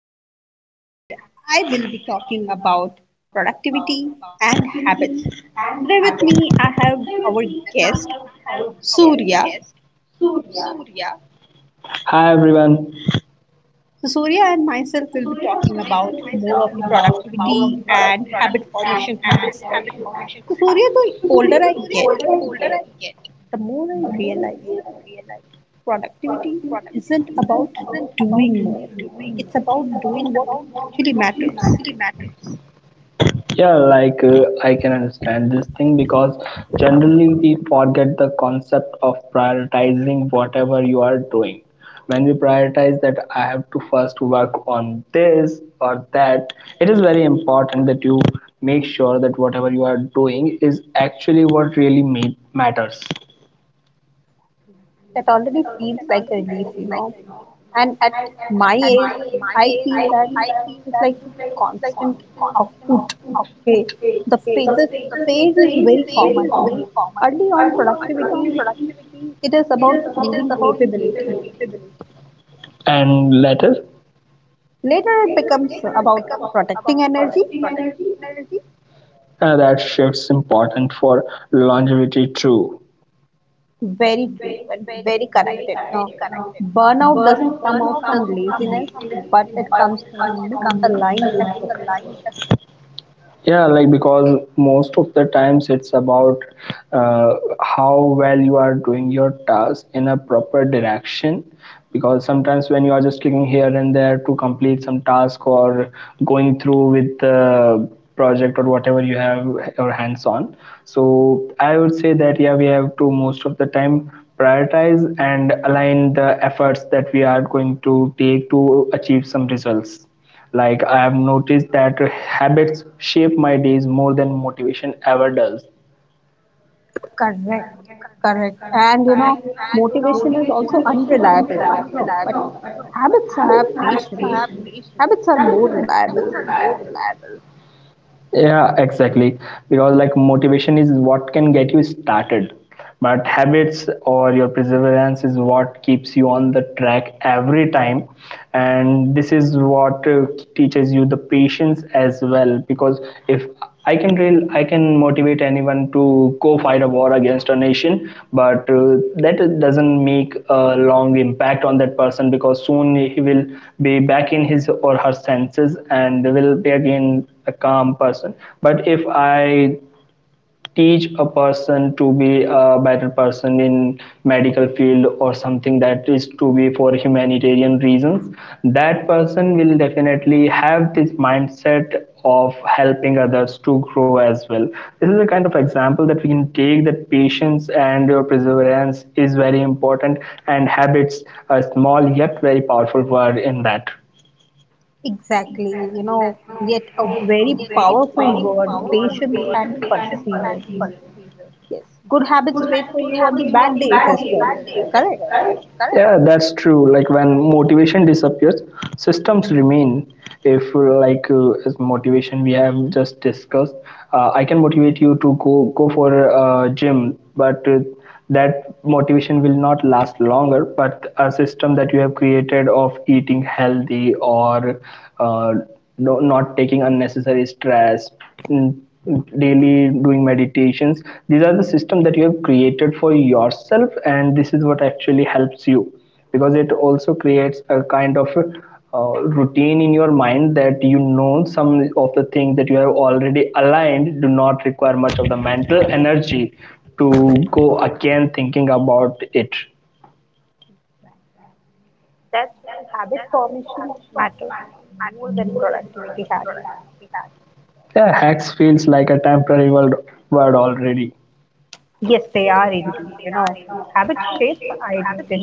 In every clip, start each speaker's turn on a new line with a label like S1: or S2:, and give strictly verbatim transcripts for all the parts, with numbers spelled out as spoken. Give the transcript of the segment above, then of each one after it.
S1: Nikita, and I will be talking about productivity and habits. Today, with me, I have our guest Surya.
S2: Hi everyone.
S1: So, Surya and myself will be talking about more of the productivity and habit formation hacks. So, Surya, the older I get, the more I realize productivity isn't about doing more, it's about doing what actually matters.
S2: Yeah, like uh, I can understand this thing because generally we forget the concept of prioritizing whatever you are doing. When we prioritize that I have to first work on this or that, it is very important that you make sure that whatever you are doing is actually what really ma- matters.
S1: That already feels like a relief, you know. And at my age, I feel that this is like a constant output. Okay, the fa- the phase is very common. Early on, productivity it is about proving capability.
S2: And later,
S1: Later, it becomes about protecting energy.
S2: uh, that shifts important for longevity too.
S1: Very true and very connected. You know, burnout doesn't come out from laziness, but it comes from misaligned efforts.
S2: Yeah, like because most of the times it's about uh, how well you are doing your task in a proper direction. Because sometimes when you are just clicking here and there to complete some task or going through with the project or whatever you have your hands on, so I would say that yeah, we have to most of the time prioritize and align the efforts that we are going to take to achieve some results. Like I've noticed that habits shape my days more than motivation ever does.
S1: Correct, correct. And you know, motivation is also unreliable. No, but habits have patience. Habits are more reliable.
S2: Yeah, exactly. Because like motivation is what can get you started, but habits or your perseverance is what keeps you on the track every time. And this is what uh, teaches you the patience as well. Because if I can real I can motivate anyone to go fight a war against a nation, but uh, that doesn't make a long impact on that person because soon he will be back in his or her senses and will be again a calm person. But if I teach a person to be a better person in medical field or something that is to be for humanitarian reasons, that person will definitely have this mindset of helping others to grow as well. This is the kind of example that we can take, that patience and your perseverance is very important, and habits a small yet very powerful word in that.
S1: Exactly, you know, yet a very powerful word, patience and perseverance. Yes, good habits wait for you on the bad days as well. Correct.
S2: Yeah, that's true. Like when motivation disappears, systems remain. If uh, like uh, As motivation we have just discussed, uh, I can motivate you to go go for a gym, but uh, that motivation will not last longer. But a system that you have created of eating healthy or uh, no, not taking unnecessary stress, mm, daily doing meditations, these are the system that you have created for yourself, and this is what actually helps you, because it also creates a kind of uh, routine in your mind that you know some of the things that you have already aligned do not require much of the mental energy to go again thinking about it.
S1: That's why habit formation matters more than productivity hacks.
S2: Yeah, hacks feels like a temporary word, word already.
S1: Yes, they are indeed. You know, habit shapes identity.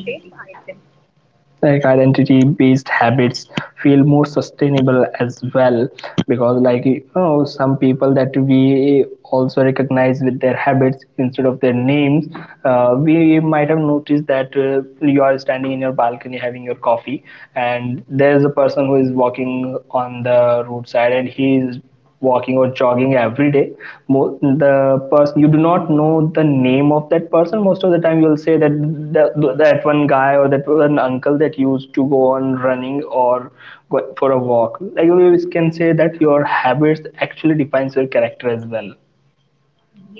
S2: Like identity based habits feel more sustainable as well, because like you know some people that we also recognize with their habits instead of their names. Uh, we might have noticed that uh, you are standing in your balcony having your coffee and there's a person who is walking on the roadside and he is walking or jogging every day. Mo- the person, you do not know the name of that person, most of the time you'll say that the, that one guy or that one uncle that used to go on running or go for a walk. Like you can say that your habits actually defines your character as well.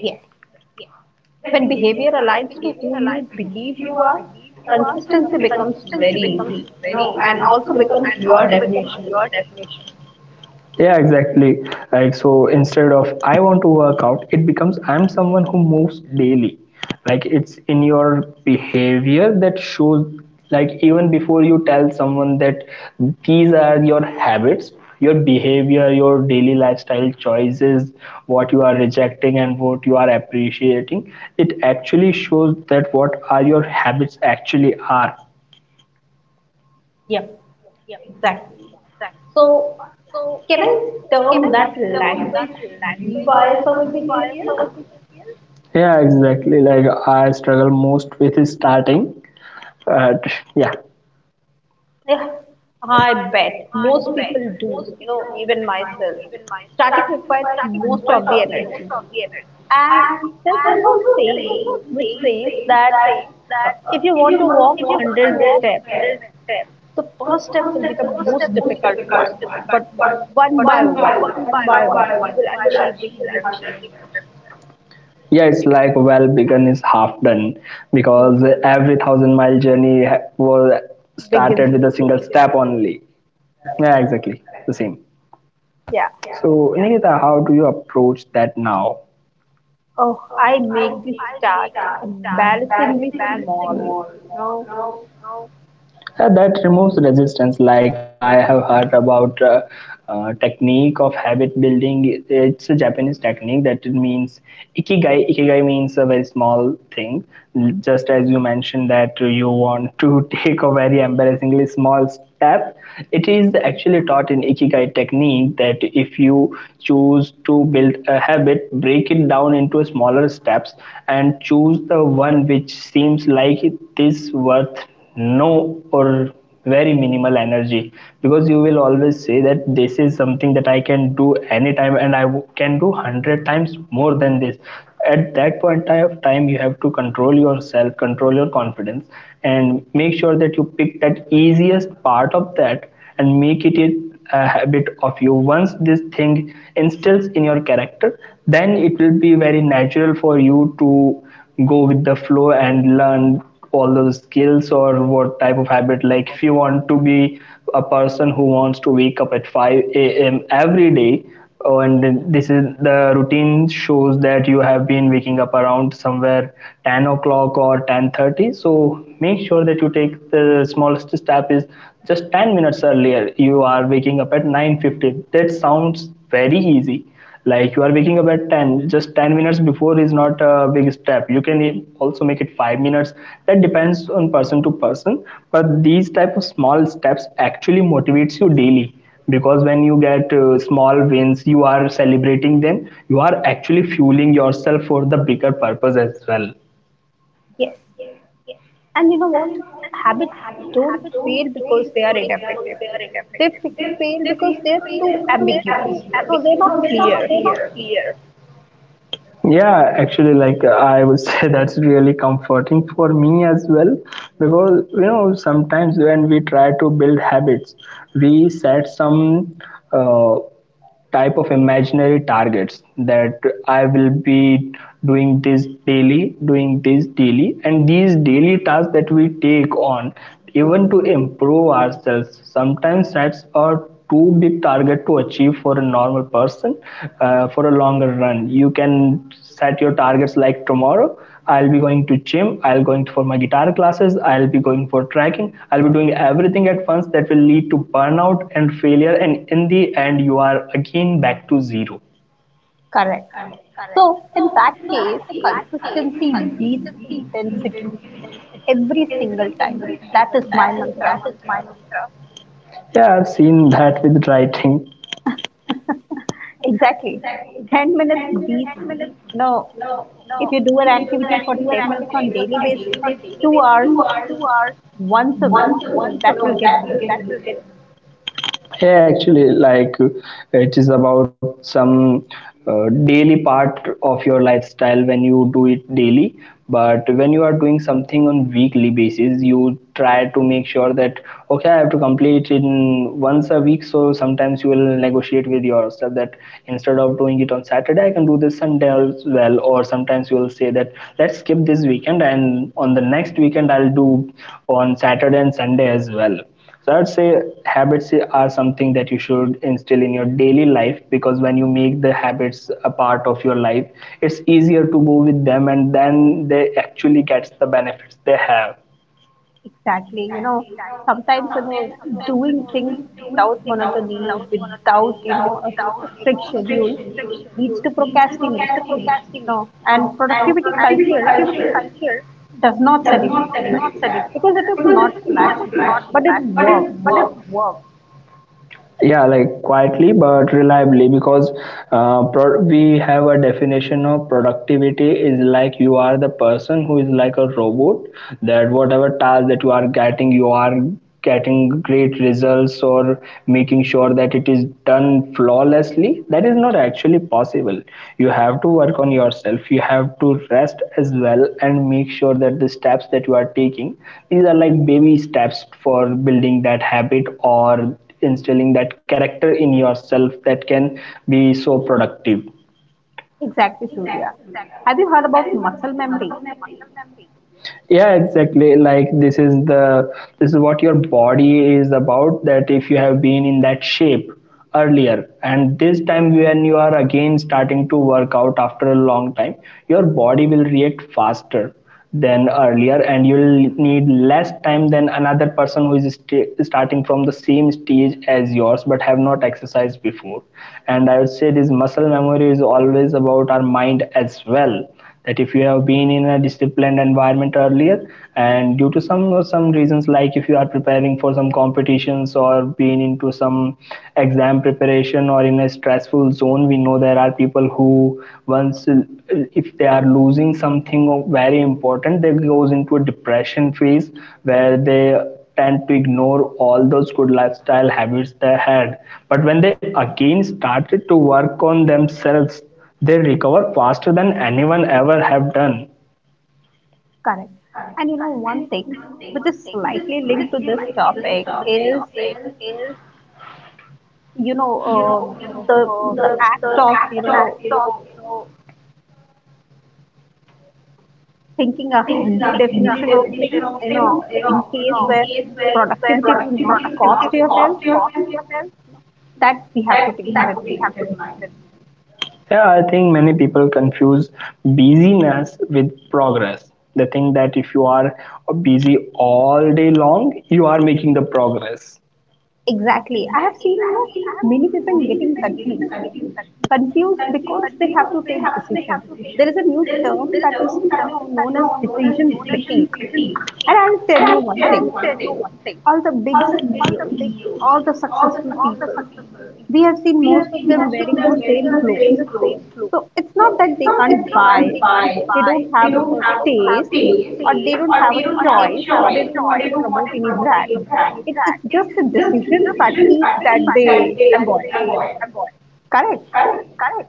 S1: Yes. When behavior aligns to who you believe you are, consistency becomes very easy, you know, and also becomes your definition.
S2: Yeah, exactly. Like, so instead of I want to work out, it becomes I'm someone who moves daily. Like, it's in your behavior that shows, like, even before you tell someone that these are your habits, your behavior, your daily lifestyle choices, what you are rejecting and what you are appreciating, it actually shows that what are your habits actually are.
S1: Yep, exactly. So, can I term that language rewires our behavior?
S2: Yeah, exactly. Like I struggle most with is starting. But yeah.
S1: Yeah, I bet most people do, you know, even myself. Starting requires most of the energy. And there's also a saying which says that uh, if you want to walk a hundred steps, the first step will be the most difficult one but one by one one by one you will achieve the one hundred steps.
S2: Yeah, it's like well begun is half done, because
S1: Mm,
S2: every thousand mile journey ha- was
S1: begins
S2: started with
S1: with
S2: a single step only. Yeah, exactly. The same.
S1: it. Yeah.
S2: So Nikita, how do you approach that now?
S1: Oh, I make this start embarrassingly small. No.
S2: Uh, that removes resistance. Like I have heard about uh, uh, technique of habit building. It's a Japanese technique that it means ikigai. Ikigai means a very small thing, just as you mentioned that you want to take a very embarrassingly small step. It is actually taught in ikigai technique that if you choose to build a habit, break it down into smaller steps and choose the one which seems like it is worth no or very minimal energy, because you will always say that this is something that I can do anytime and I can do hundred times more than this. At that point of time you have to control yourself, control your confidence, and make sure that you pick that easiest part of that and make it a habit of you. Once this thing instills in your character, then it will be very natural for you to go with the flow and learn all those skills or what type of habit. Like if you want to be a person who wants to wake up at five a.m every day. Oh, and then this is the routine shows that you have been waking up around somewhere ten o'clock or ten thirty. So make sure that you take the smallest step is just ten minutes earlier. You are waking up at nine fifty. That sounds very easy, like you are waking up at ten, just ten minutes before is not a big step. You can also make it five minutes. That depends on person to person. But these type of small steps actually motivates you daily, because when you get uh, small wins, you are celebrating them, you are actually fueling yourself for the bigger purpose as well.
S1: Yes, and you know what, habits don't fail because they are ineffective. They f- fail because they're too ambiguous, you know they're not clear.
S2: Yeah, actually, like uh, I would say that's really comforting for me as well, because you know sometimes when we try to build habits, we set some uh, type of imaginary targets that I will be doing this daily, doing this daily, and these daily tasks that we take on even to improve ourselves sometimes sets our too big target to achieve for a normal person. Uh, for a longer run you can set your targets like tomorrow I'll be going to gym, I'll going for my guitar classes, I'll be going for trekking, I'll be doing everything at once. That will lead to burnout and failure, and in the end you are again back to zero.
S1: Correct. So, in that case, consistency beats intensity every single time. That is my mantra.
S2: Yeah, I've seen that with writing.
S1: Exactly. ten minutes beats, you know, if you do an activity for ten minutes on daily basis, two hours once a week, you know, that will get beaten.
S2: Yeah, actually like uh, it is about some uh, daily part of your lifestyle when you do it daily. But when you are doing something on weekly basis, you try to make sure that okay, I have to complete in once a week. So sometimes you will negotiate with yourself that instead of doing it on Saturday I can do this Sunday as well, or sometimes you will say that let's skip this weekend, and on the next weekend I'll do on Saturday and Sunday as well. So I would say habits are something that you should instill in your daily life, because when you make the habits a part of your life, it's easier to go with them, and then they actually get the benefits they have.
S1: Exactly. You know, sometimes, you know, doing things without monotony, without, you know, a, a strict schedule leads to procrastination. You know, and productivity culture does not celebrate that because it is not flashy, but it works.
S2: Yeah, like quietly but reliably, because uh, pro- we have a definition of productivity is like you are the person who is like a robot, that whatever task that you are getting, you are getting great results or making sure that it is done flawlessly. That is not actually possible. You have to work on yourself, you have to rest as well, and make sure that the steps that you are taking, these are like baby steps for building that habit or instilling that character in yourself that can be so productive.
S1: Exactly, Surya. Have you heard about muscle memory?
S2: Yeah, exactly. Like this is the this is what your body is about, that if you have been in that shape earlier and this time when you are again starting to work out after a long time, your body will react faster than earlier, and you'll need less time than another person who is st- starting from the same stage as yours but have not exercised before. And I would say this muscle memory is always about our mind as well, that if you have been in a disciplined environment earlier, and due to some some reasons, like if you are preparing for some competitions or being into some exam preparation or in a stressful zone, we know there are people who once if they are losing something very important, they goes into a depression phase where they tend to ignore all those good lifestyle habits they had, but when they again started to work on themselves, they recover faster than anyone ever have done.
S1: Correct. And you know, one thing which is slightly linked to this topic is, you know, uh, the the act of, you know, thinking a healthy definition of things, you know, in case where productivity will not cost your health, you know, that we have to take it in mind.
S2: Yeah, I think many people confuse busyness with progress. They think that if you are busy all day long, you are making the progress.
S1: Exactly. I have seen, you know, many people getting confused. Confused because they have to take decision. There is a new term that is you know known as decision fatigue. And I'll tell you one thing: all the big C E Os, all the successful people, we have seen most of them wearing the same clothes. So it's not that they can't buy, they don't have a taste, or they don't have a choice, or they don't want to promote any brand. It, it's just the decision fatigue that they avoid. Correct?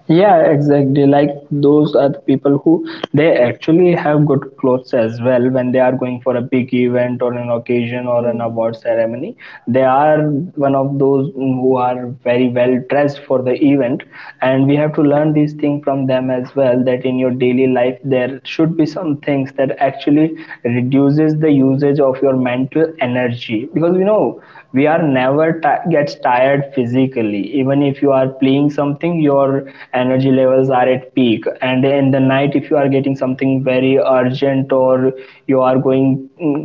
S2: Yeah, exactly. Like those are the people who they actually have good clothes as well when they are going for a big event or an occasion or an
S1: Hmm.
S2: award ceremony. They are one of those who are very well dressed for the event, and we have to learn these things from them as well. That in your daily life there should be some things that actually reduces the usage of your mental energy because you know we are never ti gets tired physically even if you are playing something your your energy levels are at peak, and in the night if you are getting something very urgent or you are going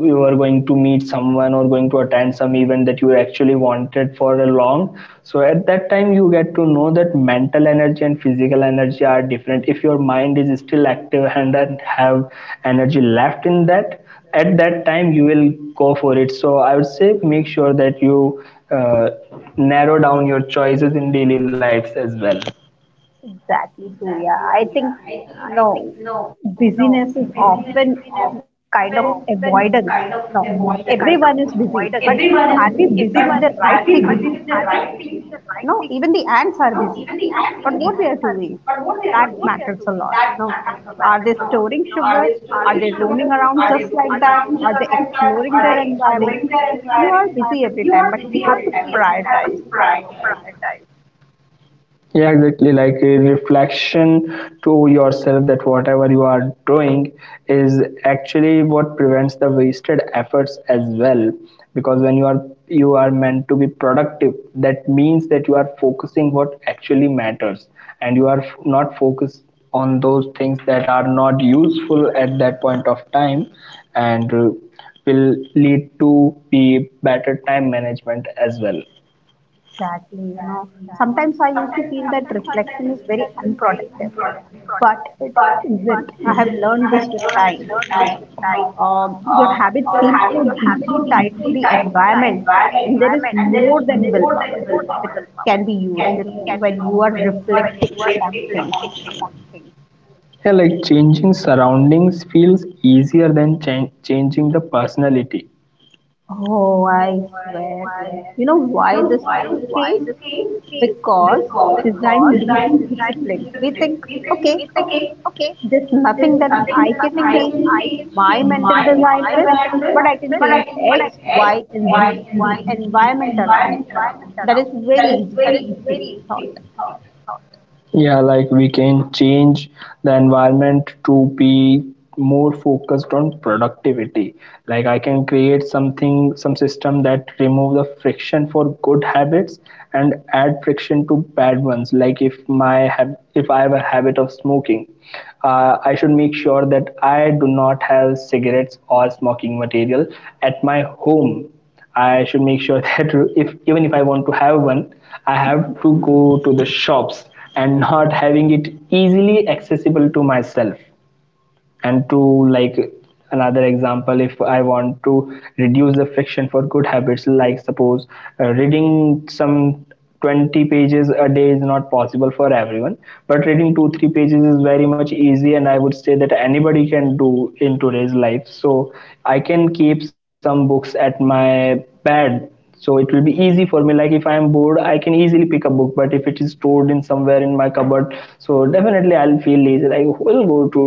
S2: you are going to meet someone or going to attend some event that you actually wanted for a long. So at that time you get to know that mental energy and physical energy are different. If your mind is still active and then have energy left in that, at that time you will go for it. So I would say make sure that you uh, narrow down your choices in daily lives as well.
S1: Exactly, Surya. I think no busyness is often an kind of avoidance. No, everyone is busy, but are we busy with the right thing? You know, even the ants are busy. But what they are doing, that matters a lot. You know, are they storing sugar? Are they roaming around just like that? Are they exploring their environment? You are busy every time, but you have to prioritize.
S2: Yeah, exactly. Like a reflection to yourself that whatever you are doing is actually what prevents the wasted efforts as well. Because when you are you are meant to be productive, that means that you are focusing what actually matters, and you are f- not focused on those things that are not useful at that point of time, and uh, will lead to be better time management as well.
S1: Exactly, you know. Sometimes I used to feel that reflection is very unproductive, but it isn't. I have learned this with time, you know. Um, your habits seem so deeply tied to the environment, and there is more than willpower that can be used, you know, when you are reflecting upon things.
S2: Yeah, like changing surroundings feels easier than chan- changing the personality.
S1: Oh, I swear. You know why this is the case? Because design beats discipline. We think, okay, there's nothing that I can change my mental design with, but I can change X, Y, and Z, the environment around me. That is very easy to take thought.
S2: Yeah, like we can change the environment to be more focused on productivity. Like I can create something, some system that remove the friction for good habits and add friction to bad ones. Like if my hab- if I have a habit of smoking, uh, I should make sure that I do not have cigarettes or smoking material at my home. I should make sure that if even if I want to have one, I have to go to the shops and not having it easily accessible to myself, and to, like, another example: if I want to reduce the friction for good habits, like suppose uh, reading some twenty pages a day is not possible for everyone, but reading 2 3 pages is very much easy and I would say that anybody can do in today's life. So I can keep some books at my bed, so it will be easy for me. Like if I am bored I can easily pick a book, but if it is stored in somewhere in my cupboard, so definitely I'll feel lazy. Like who will go to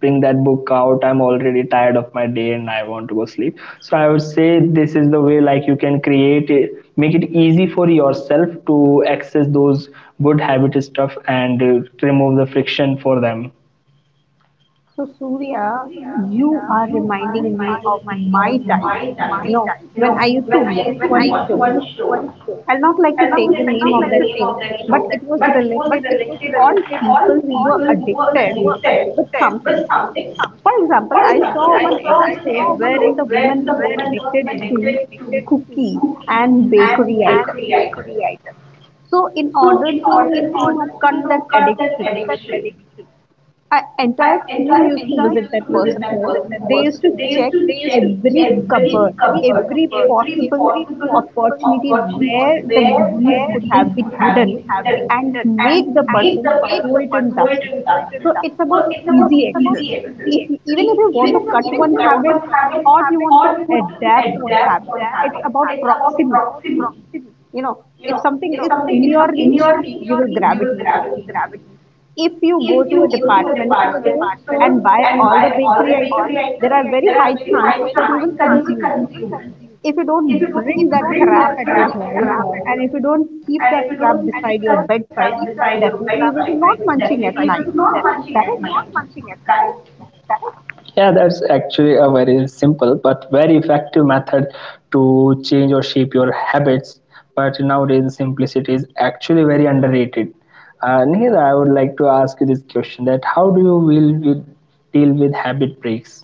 S2: bring that book out? I'm already tired of my day and I want to go sleep. So I would say this is the way. Like you can create it, make it easy for yourself to access those good habit stuff and uh, remove the friction for them.
S1: So, Surya, you are reminding me of my times. You know, when I used to watch one show, I'll not like to take the name of that show, but it was related to all people who were addicted with something. For example, I saw one episode wherein the woman was addicted to cookies and bakery items. So, in order to, you know, cut that addiction, our entire team used to visit that person home. They used to check every cupboard, every possible opportunity where the goodies could have been hidden and make the person throw it in dustbin. So it's about easy access. If you- even if you want to cut one habit or you want to adapt one habit, it's about proximity. You know, if something is in your reach, you will grab it easily if you go to a department store and buy all the bakery items, there are very high chances that you will consume it. If you don't bring that crap at your home and if you don't keep that crap beside your bedside, definitely you will be not munching at night. Correct?
S2: Yeah, that's actually a very simple but very effective method to change or shape your habits, but nowadays simplicity is actually very underrated. Uh, Nihir, I would like to ask you this question: that how do you will with, deal with habit breaks?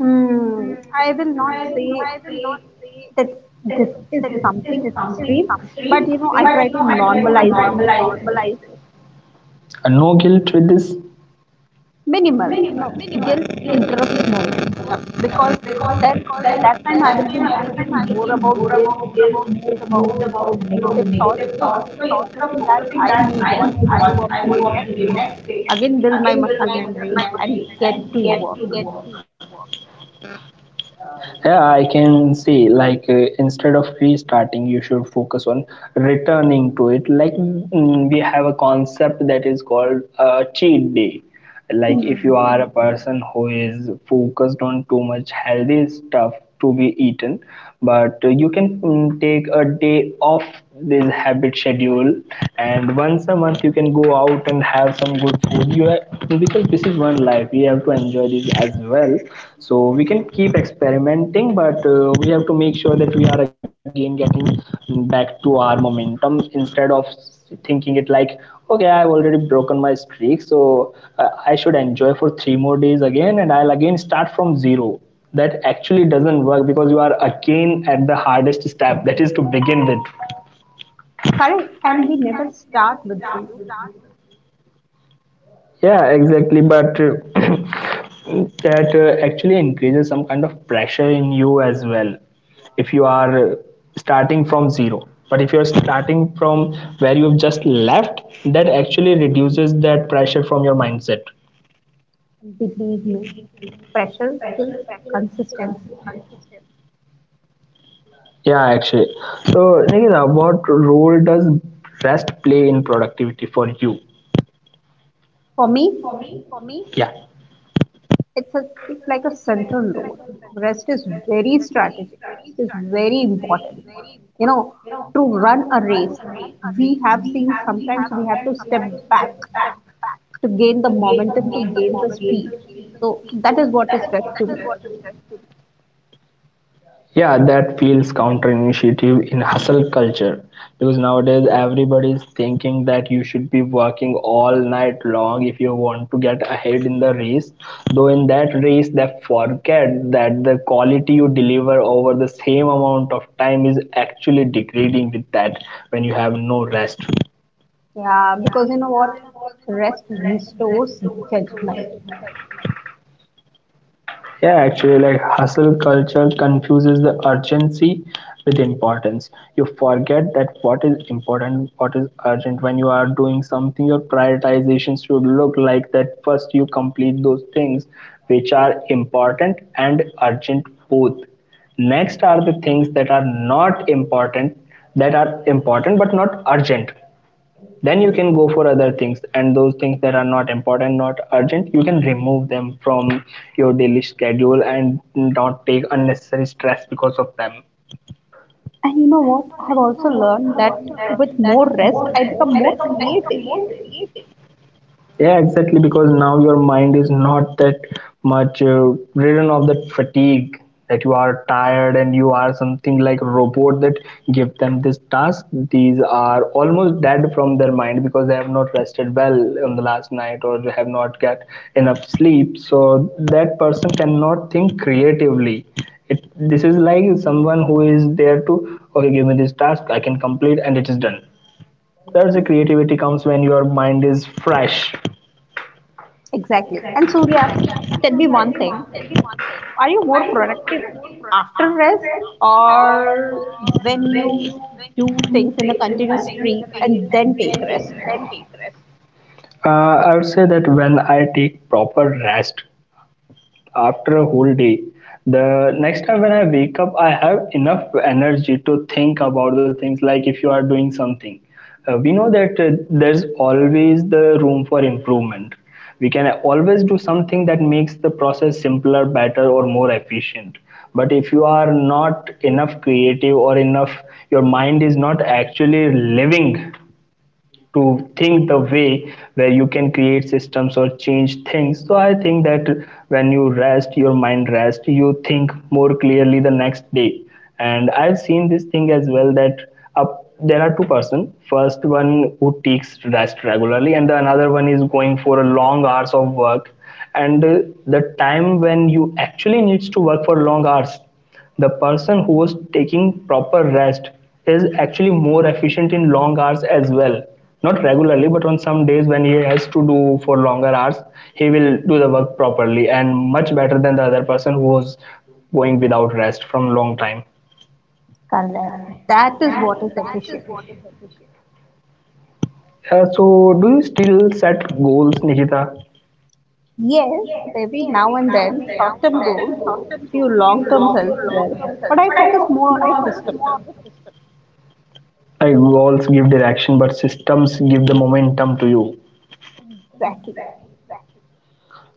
S1: Hmm, I will not say that this is something extreme, but you know, I try to normalize it.
S2: Uh, No guilt with this.
S1: Minimal. No, guilt interrupts moments uh, because then at that time I will be thinking more about guilt, more about you know negative thoughts, so instead of focusing that i move on i move on to the next day, again build my muscle memory and get to work.
S2: Yeah, I can say like uh, instead of restarting, you should focus on returning to it. Like mm, we have a concept that is called uh, cheat day. Like if you
S1: Hmm.
S2: are a person who is focused on too much healthy stuff to be eaten, but you can mm, take a day off this habit schedule, and once a month you can go out and have some good food you have, because this is one life we have to enjoy this as well. So we can keep experimenting, but uh, we have to make sure that we are again getting back to our momentum instead of thinking it like okay, I've already broken my streak so uh, I should enjoy for three more days again and I'll again start from zero. That actually doesn't work because you are again at the hardest step, that is to begin with.
S1: Correct, and we never start with zero.
S2: Yeah, exactly, but uh, that uh, actually increases some kind of pressure in you as well if you are uh, starting from zero. But if you're starting from where you've just left, that actually reduces that pressure from your mindset.
S1: Believe me, pressure kills consistency.
S2: Yeah, actually. So Nikita, what role does rest play in productivity for you?
S1: For me,
S2: Yeah.
S1: it's a it's like a central role. Rest is very strategic. Rest is very important. You know, to run a race, we have seen sometimes we have to step back to gain the momentum, to gain the speed. So that is what is rest to me.
S2: Yeah, that feels counterintuitive in hustle culture because nowadays everybody is thinking that you should be working all night long if you want to get ahead in the race. Though in that race, they forget that the quality you deliver over the same amount of time is actually degrading with that when you have no rest.
S1: Yeah, because you know what, rest restores judgment.
S2: Yeah, actually, like hustle culture confuses the urgency with importance. You forget that what is important, what is urgent. When you are doing something, your prioritization should look like that first you complete those things which are important and urgent both. Next are the things that are not important, that are important but not urgent, then you can go for other things, and those things that are not important not urgent you can remove them from your daily schedule and not take unnecessary stress because of them.
S1: And you know what, I have also learned that with more rest, I become more creative.
S2: Yeah, exactly. Because now your mind is not that much uh, ridden of that fatigue, that you are tired and you are something like robot that give them this task. These are almost dead from their mind because they have not rested well on the last night or they have not get enough sleep. So that person cannot think creatively. It, this is like someone who is there to okay, give me this task, I can complete, and it is done. That's the creativity comes when your mind is fresh.
S1: Exactly. And Surya, tell me one thing. Are you more productive after rest or when you do things in a continuous streak and then take rest?
S2: Uh, I would say that when I take proper rest after a whole day, the next time when I wake up, I have enough energy to think about the things like if you are doing something. Uh, we know that uh, there's always the room for improvement. We can always do something that makes the process simpler, better, or more efficient. But if you are not enough creative or enough, your mind is not actually living to think the way where you can create systems or change things. So I think that when you rest your mind rests. You think more clearly the next day. And I've seen this thing as well, that up there are two person, first one who takes rest regularly and the another one is going for a long hours of work, and uh, the time when you actually needs to work for long hours, the person who is taking proper rest is actually more efficient in long hours as well. Not regularly, but on some days when he has to do for longer hours, he will do the work properly and much better than the other person who was going without rest from long time.
S1: Correct. That is what is efficiency.
S2: Uh, so, do you still set goals, Nikita?
S1: Yes, every now and then, short term goals, few long terms as well, but I focus more on the system.
S2: Like goals give direction, but systems give the momentum to you.
S1: Exactly.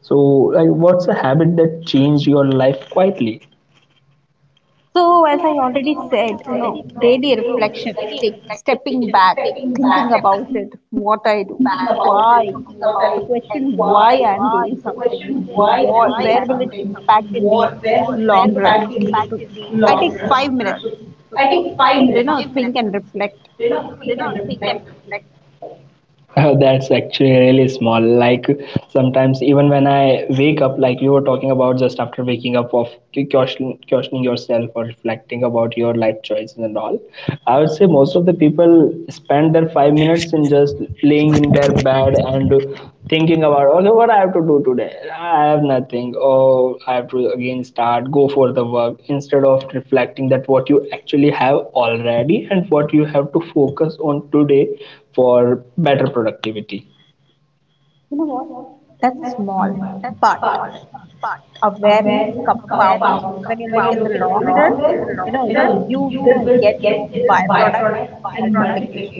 S2: So, like, what's a habit that changed your life quietly?
S1: So, as I already said, you know, daily reflection, take stepping back, thinking about it, what I do, why, the question why I'm doing something, what, where will it impact in the long run. So, I take five minutes to, you know, think and reflect.
S2: Oh, that's actually really small. Like sometimes, even when I wake up, like you were talking about just after waking up, of que- question- questioning yourself or reflecting about your life choices and all. I would say most of the people spend their five minutes in just laying in their bed and thinking about okay, what I have to do today. I have nothing. Oh, I have to again start go for the work instead of reflecting that what you actually have already and what you have to focus on today for better productivity.
S1: You know what? That's small, but awareness compounds. When you look in the long run, you know, you will get its byproduct in multiplications.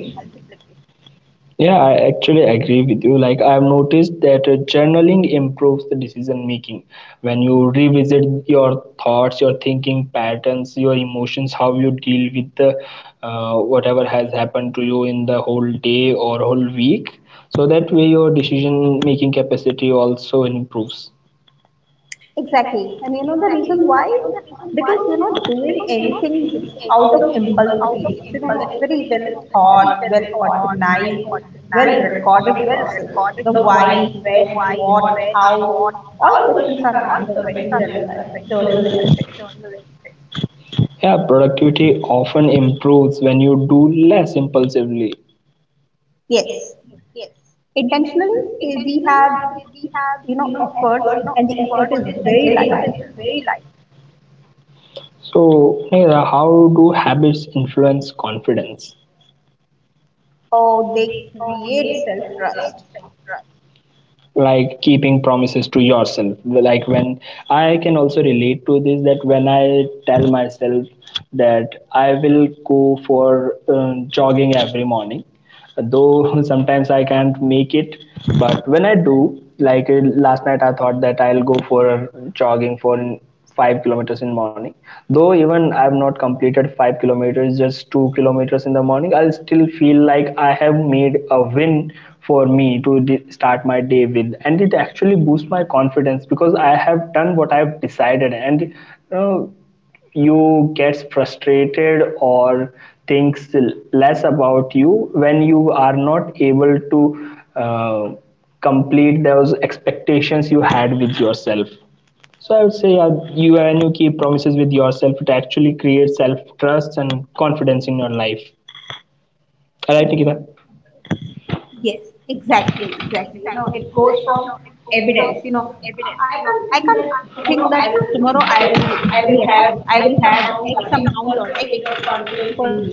S2: Yeah, I actually agree with you. Like, I've noticed that uh, journaling improves the decision making. When you revisit your thoughts, your thinking patterns, your emotions, how you deal with the uh, whatever has happened to you in the whole day or whole week, so that way your decision making capacity also improves.
S1: Exactly. And you know the reason why? Because you're not doing anything bec- out of impulsivity. It's, you know, it's very well thought, well organized, well recorded process. The why, when, what, how, all questions are answered when we journalize, journal anything.
S2: Yeah, productivity often improves when you do less impulsively.
S1: Yes. Intentionally, we we have, you know, efforts and the effort is very light.
S2: So, Neha, how do habits influence confidence?
S1: Oh, they create self-trust.
S2: Like keeping promises to yourself. Like when I can also relate to this, that when I tell myself that I will go for uh, jogging every morning, though sometimes I can't make it. But when I do, like uh, last night I thought that I'll go for jogging for five kilometers in morning, though even I've not completed five kilometers, just two kilometers in the morning, I'll still feel like I have made a win for me to de- start my day with. And it actually boosts my confidence because I have done what I've decided. And uh, you gets frustrated or thinks less about you when you are not able to uh, complete those expectations you had with yourself. So I would say, uh, you, when you keep promises with yourself, it actually creates self trust and confidence in your life. All right, Nikita.
S1: Yes, exactly, exactly. You know, it goes from evidence. You know, I can't think that tomorrow I will get up, I will have X amount or X percentage of confidence in me.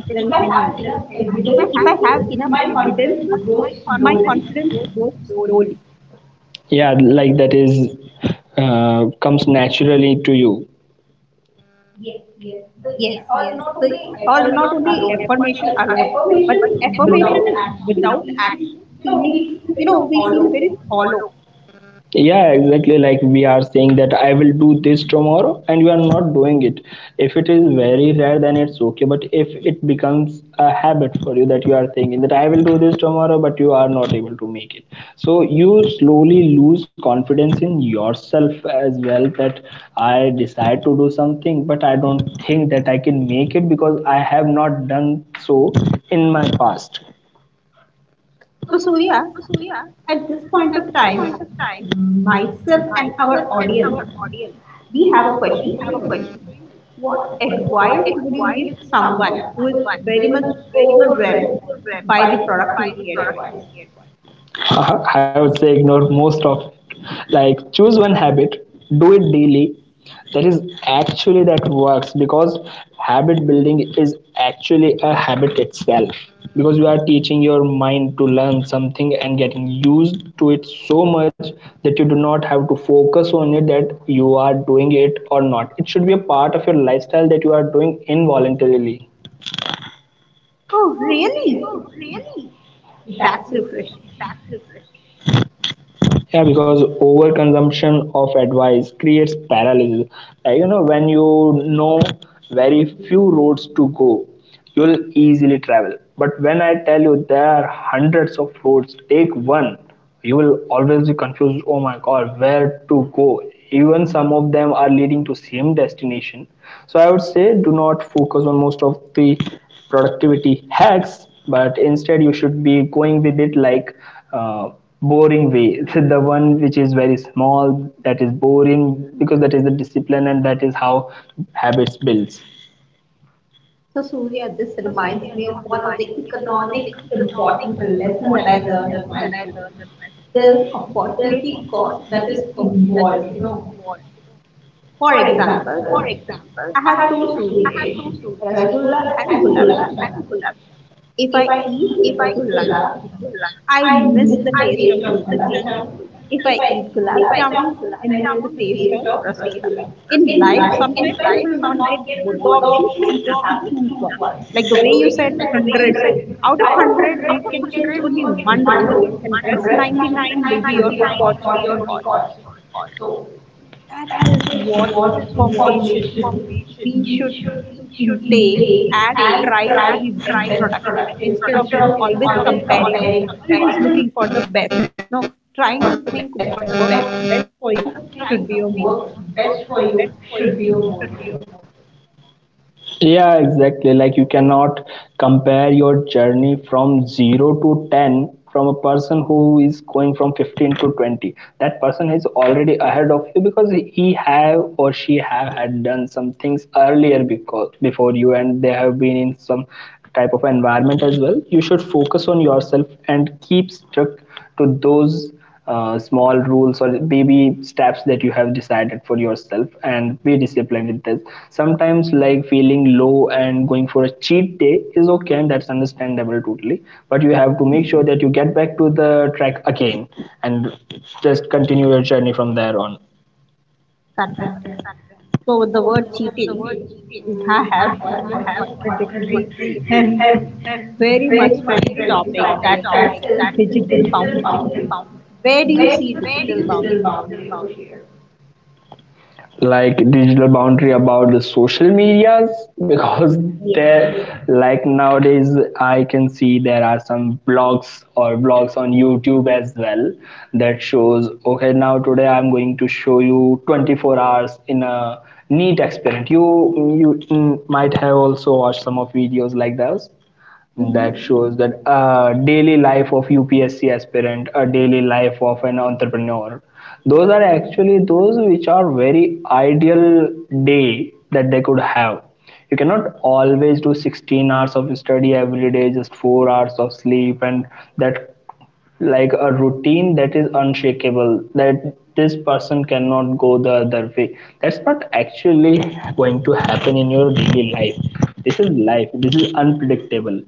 S1: If I have enough evidence with me, my confidence grows slowly.
S2: Yeah, like that is uh, comes naturally to you.
S1: Yes, yes. So, or not only affirmation alone, but affirmation without action, feeling, you know, we feel very hollow.
S2: Yeah, exactly. Like we are saying that I will do this tomorrow and you are not doing it. If it is very rare, then it's okay, but if it becomes a habit for you that you are thinking that I will do this tomorrow but you are not able to make it, so you slowly lose confidence in yourself as well, that I decide to do something but I don't think that I can make it because I have not done so in my past.
S1: So, Surya, at this point of time, myself and our audience we have a question for you. What advice would you give someone who is very much overwhelmed by the productivity advice?
S2: I would say ignore most of it. Like choose one habit, do it daily. That is actually that works because habit building is actually a habit itself. Because you are teaching your mind to learn something and getting used to it so much that you do not have to focus on it, that you are doing it or not. It should be a part of your lifestyle that you are doing involuntarily.
S1: Oh, really? That's refreshing.
S2: Yeah, because overconsumption of advice creates paralysis. Like, you know, when you know very few roads to go, you'll easily travel. But when I tell you there are hundreds of roads, take one, you will always be confused. Oh my God, where to go? Even some of them are leading to same destination. So I would say do not focus on most of the productivity hacks, but instead you should be going with it like uh, boring way. The one which is very small, that is boring, because that is the discipline and that is how habits builds.
S1: So, Surya, this reminds me of one of the economic important lesson that I learned in my school. There's opportunity cost that is involved. You know, for example, I have two sweet dish, rasgulla and gulab jamun. If I eat rasgulla, I miss the taste of gulab jamun. If I eat gulab jamun, I miss the taste of rasgulla. In life, sometimes we will not get both the options. We have to choose one. Like the way you said, a hundred. Out of a hundred, we can choose only one road, and rest ninety-nine will be your opportunity cost. That is what information we should intake and try to be best productive instead of you know always comparing, always looking for the best. No, trying to think what works best for you should be your motto.
S2: Yeah, exactly. Like you cannot compare your journey from zero to ten from a person who is going from fifteen to twenty. That person is already ahead of you because he have or she have had done some things earlier, because before you, and they have been in some type of environment as well. You should focus on yourself and keep strict to those uh, small rules or baby steps that you have decided for yourself and be disciplined with this. Sometimes like feeling low and going for a cheat day is okay, and that's understandable totally, but you have to make sure that you get back to the track again and just continue your journey from there on.
S1: Correct. So with the word cheating, we ha- have one more contradictory and very much trending topic that is digital boundary. Where do you see digital boundary?
S2: Like digital boundary about the social medias, because
S1: Yes.
S2: there, like nowadays I can see there are some blogs or blogs on YouTube as well that shows, okay, now today I'm going to show you twenty-four hours in a neat experiment. You you mm, might have also watched some of videos like those that shows that uh, daily life of U P S C aspirant, a daily life of an entrepreneur. Those are actually those which are very ideal day that they could have. You cannot always do sixteen hours of study every day, just four hours of sleep, and that like a routine that is unshakable. That this person cannot go the other way. That's not actually going to happen in your daily life. This is life. This is unpredictable.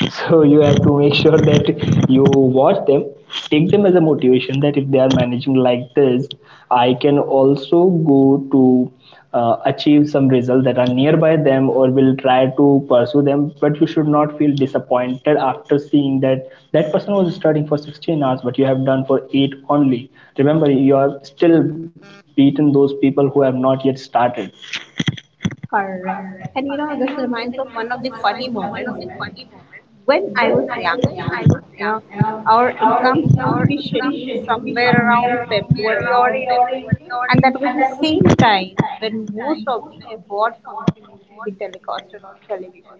S2: So you have to make sure that you watch them, take them as a motivation that if they are managing like this, I can also go to uh, achieve some results that are nearby them or will try to pursue them. But you should not feel disappointed after seeing that that person was studying for sixteen hours but you have done for eight only. Remember, you are still beaten those people who have not yet started.
S1: Correct. And you know, this reminds of one of the funny moments when I was young. You know, our exams used to be scheduled somewhere around February or April, and that was the same time when most of the award function used to be telecasted on television.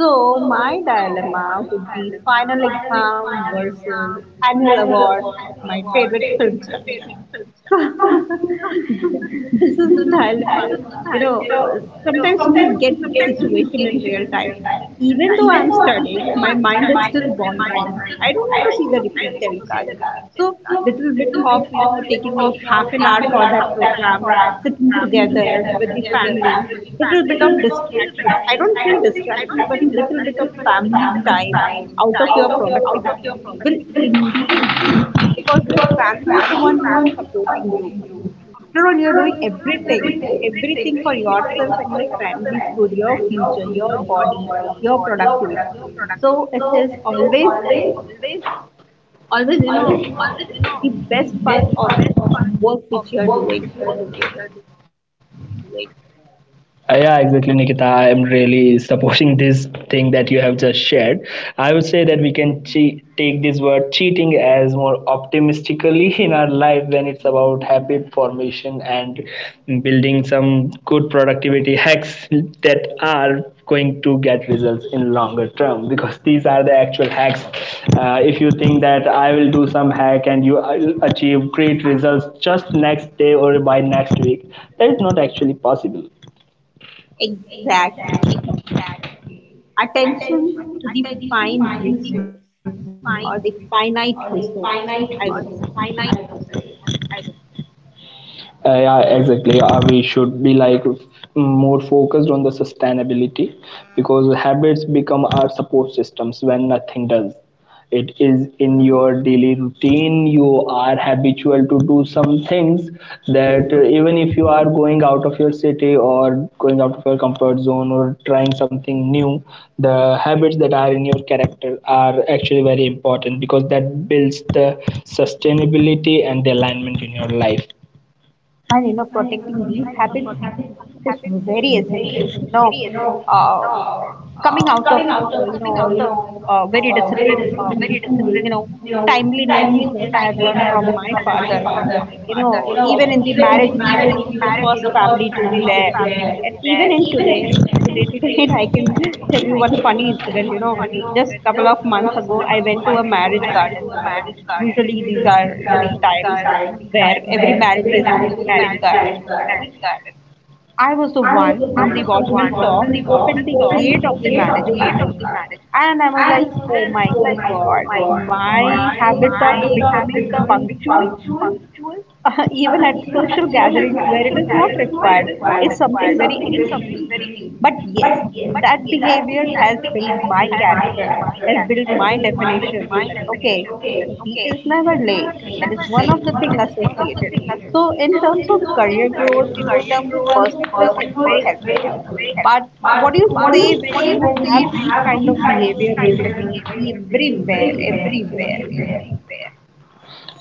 S1: So my dilemma would be final exam versus annual award of my favorite film stars. This is the dilemma. You know, uh, sometimes we get this situation in real time. Even though I'm studying, my mind is still wandering. I don't want to see the repeat telecast. So, little bit of, you know, taking out half an hour for that program, sitting together with the family, little bit of distractions. I don't say distractions, but little bit of family time out of your productivity will indeed do because your family is the one who is supporting you. After all, you're doing everything, everything for yourself and your family's good, your future, your body, your productivity. So it is always, always, you know, the best part of the work which you are doing.
S2: Uh, Yeah, exactly, Nikita. I am really supporting this thing that you have just shared. I would say that we can che- take this word cheating as more optimistically in our life when it's about habit formation and building some good productivity hacks that are going to get results in longer term, because these are the actual hacks. Uh, if you think that I will do some hack and you will achieve great results just next day or by next week, that is not actually possible.
S1: Exactly, exactly. Attention to the fine resource or the finite resource, I would say.
S2: Uh, yeah, exactly. Uh, we should be like more focused on the sustainability because habits become our support systems when nothing does. It is in your daily routine. You are habitual to do some things that, uh, even if you are going out of your city or going out of your comfort zone or trying something new, the habits that are in your character are actually very important because that builds the sustainability and the alignment in your life.
S1: And you know, protecting these habits, it is very essential. you know uh, Coming out of uh, you know uh, very disciplined school, you know timeliness is what I have learned from my father. You know even in the marriage we used to be the first family to be there. And even in today today today I can tell you one funny incident. You know just couple of months ago I went to a marriage garden. Usually, these are the times where every marriage is in marriage garden. I was the one whom the watchman saw open the gate of the marriage garden. And I was like, oh my God, my habit of becoming punctual, uh, even at social gatherings where it is not required, is something very extreme. But yes, that behavior has built my character, has built my definition that, okay, she is never late. That is one of the things associated. So, in terms of career growth, in terms of personal growth, it's very helpful. But what do you say when you have these kind of behavior reflected everywhere, everywhere?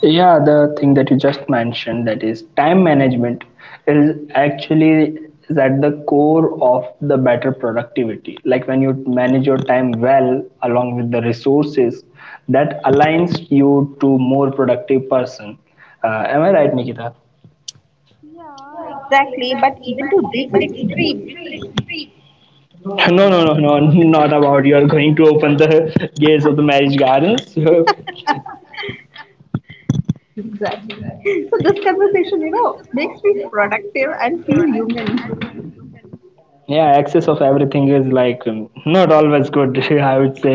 S2: Yeah, the thing that you just mentioned, that is time management, is actually is at the core of the better productivity. Like when you manage your time well along with the resources, that aligns you to more productive person. Uh, am I right, Nikita?
S1: Yeah, exactly. But even to this extreme.
S2: No, no, no, no, not about you are going to open the gates of the marriage gardens.
S1: Exactly. So this conversation, you know, makes me productive and feel human.
S2: Yeah, access of everything is like um, not always good. I would say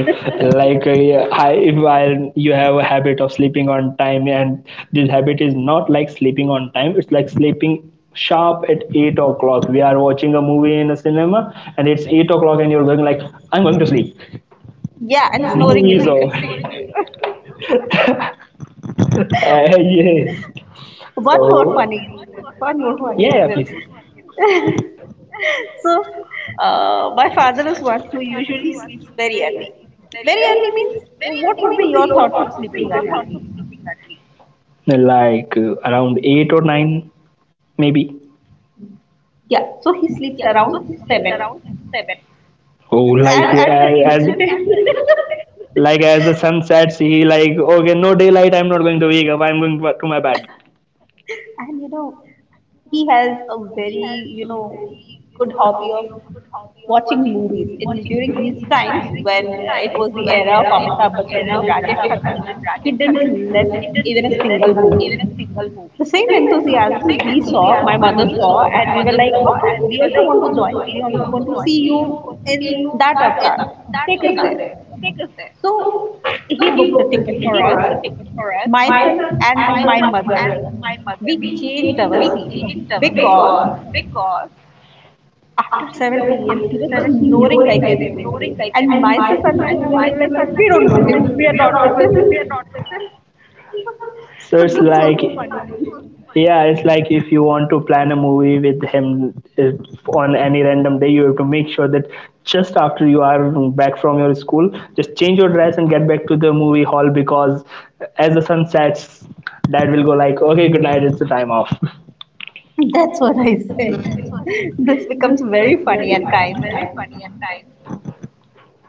S2: like uh, yeah, I, if I, you have a habit of sleeping on time, and this habit is not like sleeping on time, it's like sleeping sharp at eight o'clock. We are watching a movie in a cinema and it's eight o'clock and you're going like, I'm going to sleep.
S1: Yeah, and snoring
S2: Movie
S1: in
S2: is
S1: the
S2: over.
S1: film theater.
S2: Uh, yes.
S1: One more
S2: So
S1: funny incident. One more funny
S2: yeah yeah
S1: incident.
S2: please.
S1: So, uh, my father is one who usually sleeps very early. Very early means, uh, what would be your thoughts of sleeping early?
S2: Like uh, around eight or nine, maybe.
S1: Yeah, so he sleeps around seven.
S2: Oh,
S1: And
S2: like uh,
S1: at the
S2: as, as,
S1: incident,
S2: like as the sun sets, he like okay, no daylight. I'm not going to wake up. I'm going to my bed.
S1: and you know, he has a very, you know, good hobby of watching movies in during his times. When uh, it was the era of Amitabh Bachchan and Rajesh Khanna, he didn't left even a single movie. The same enthusiasm we saw, my mother saw, and we were like, okay, we also want to join. We also want to see you in that avatar. Take us there. So he booked the ticket for us, myself and the, my mother. We changed our seat because after seven p m he was snoring like anything. And myself and my mother, we were like, we don't know him. We are not with him.
S2: So
S1: So
S2: it's
S1: this was
S2: like,
S1: the funny thing.
S2: yeah, it's like if you want to plan a movie with him if on any random day, you have to make sure that just after you are back from your school, just change your dress and get back to the movie hall, because as the sun sets, dad will go like, okay, good night, it's the time off.
S1: That's what I said. This becomes very funny at times.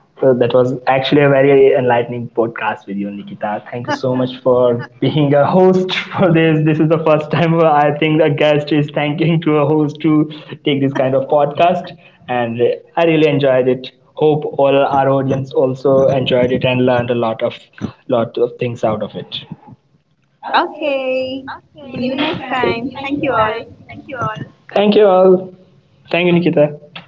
S2: So that was actually a very enlightening podcast with you, Nikita. Thank you so much for being a host for this. This is the first time where I think a guest is thanking to a host to take this kind of podcast, and I really enjoyed it. Hope all our audience also enjoyed it and learned a lot of lot of things out of it.
S1: Okay. See you next time. Thank you all.
S2: Thank you all. Thank you, Nikita.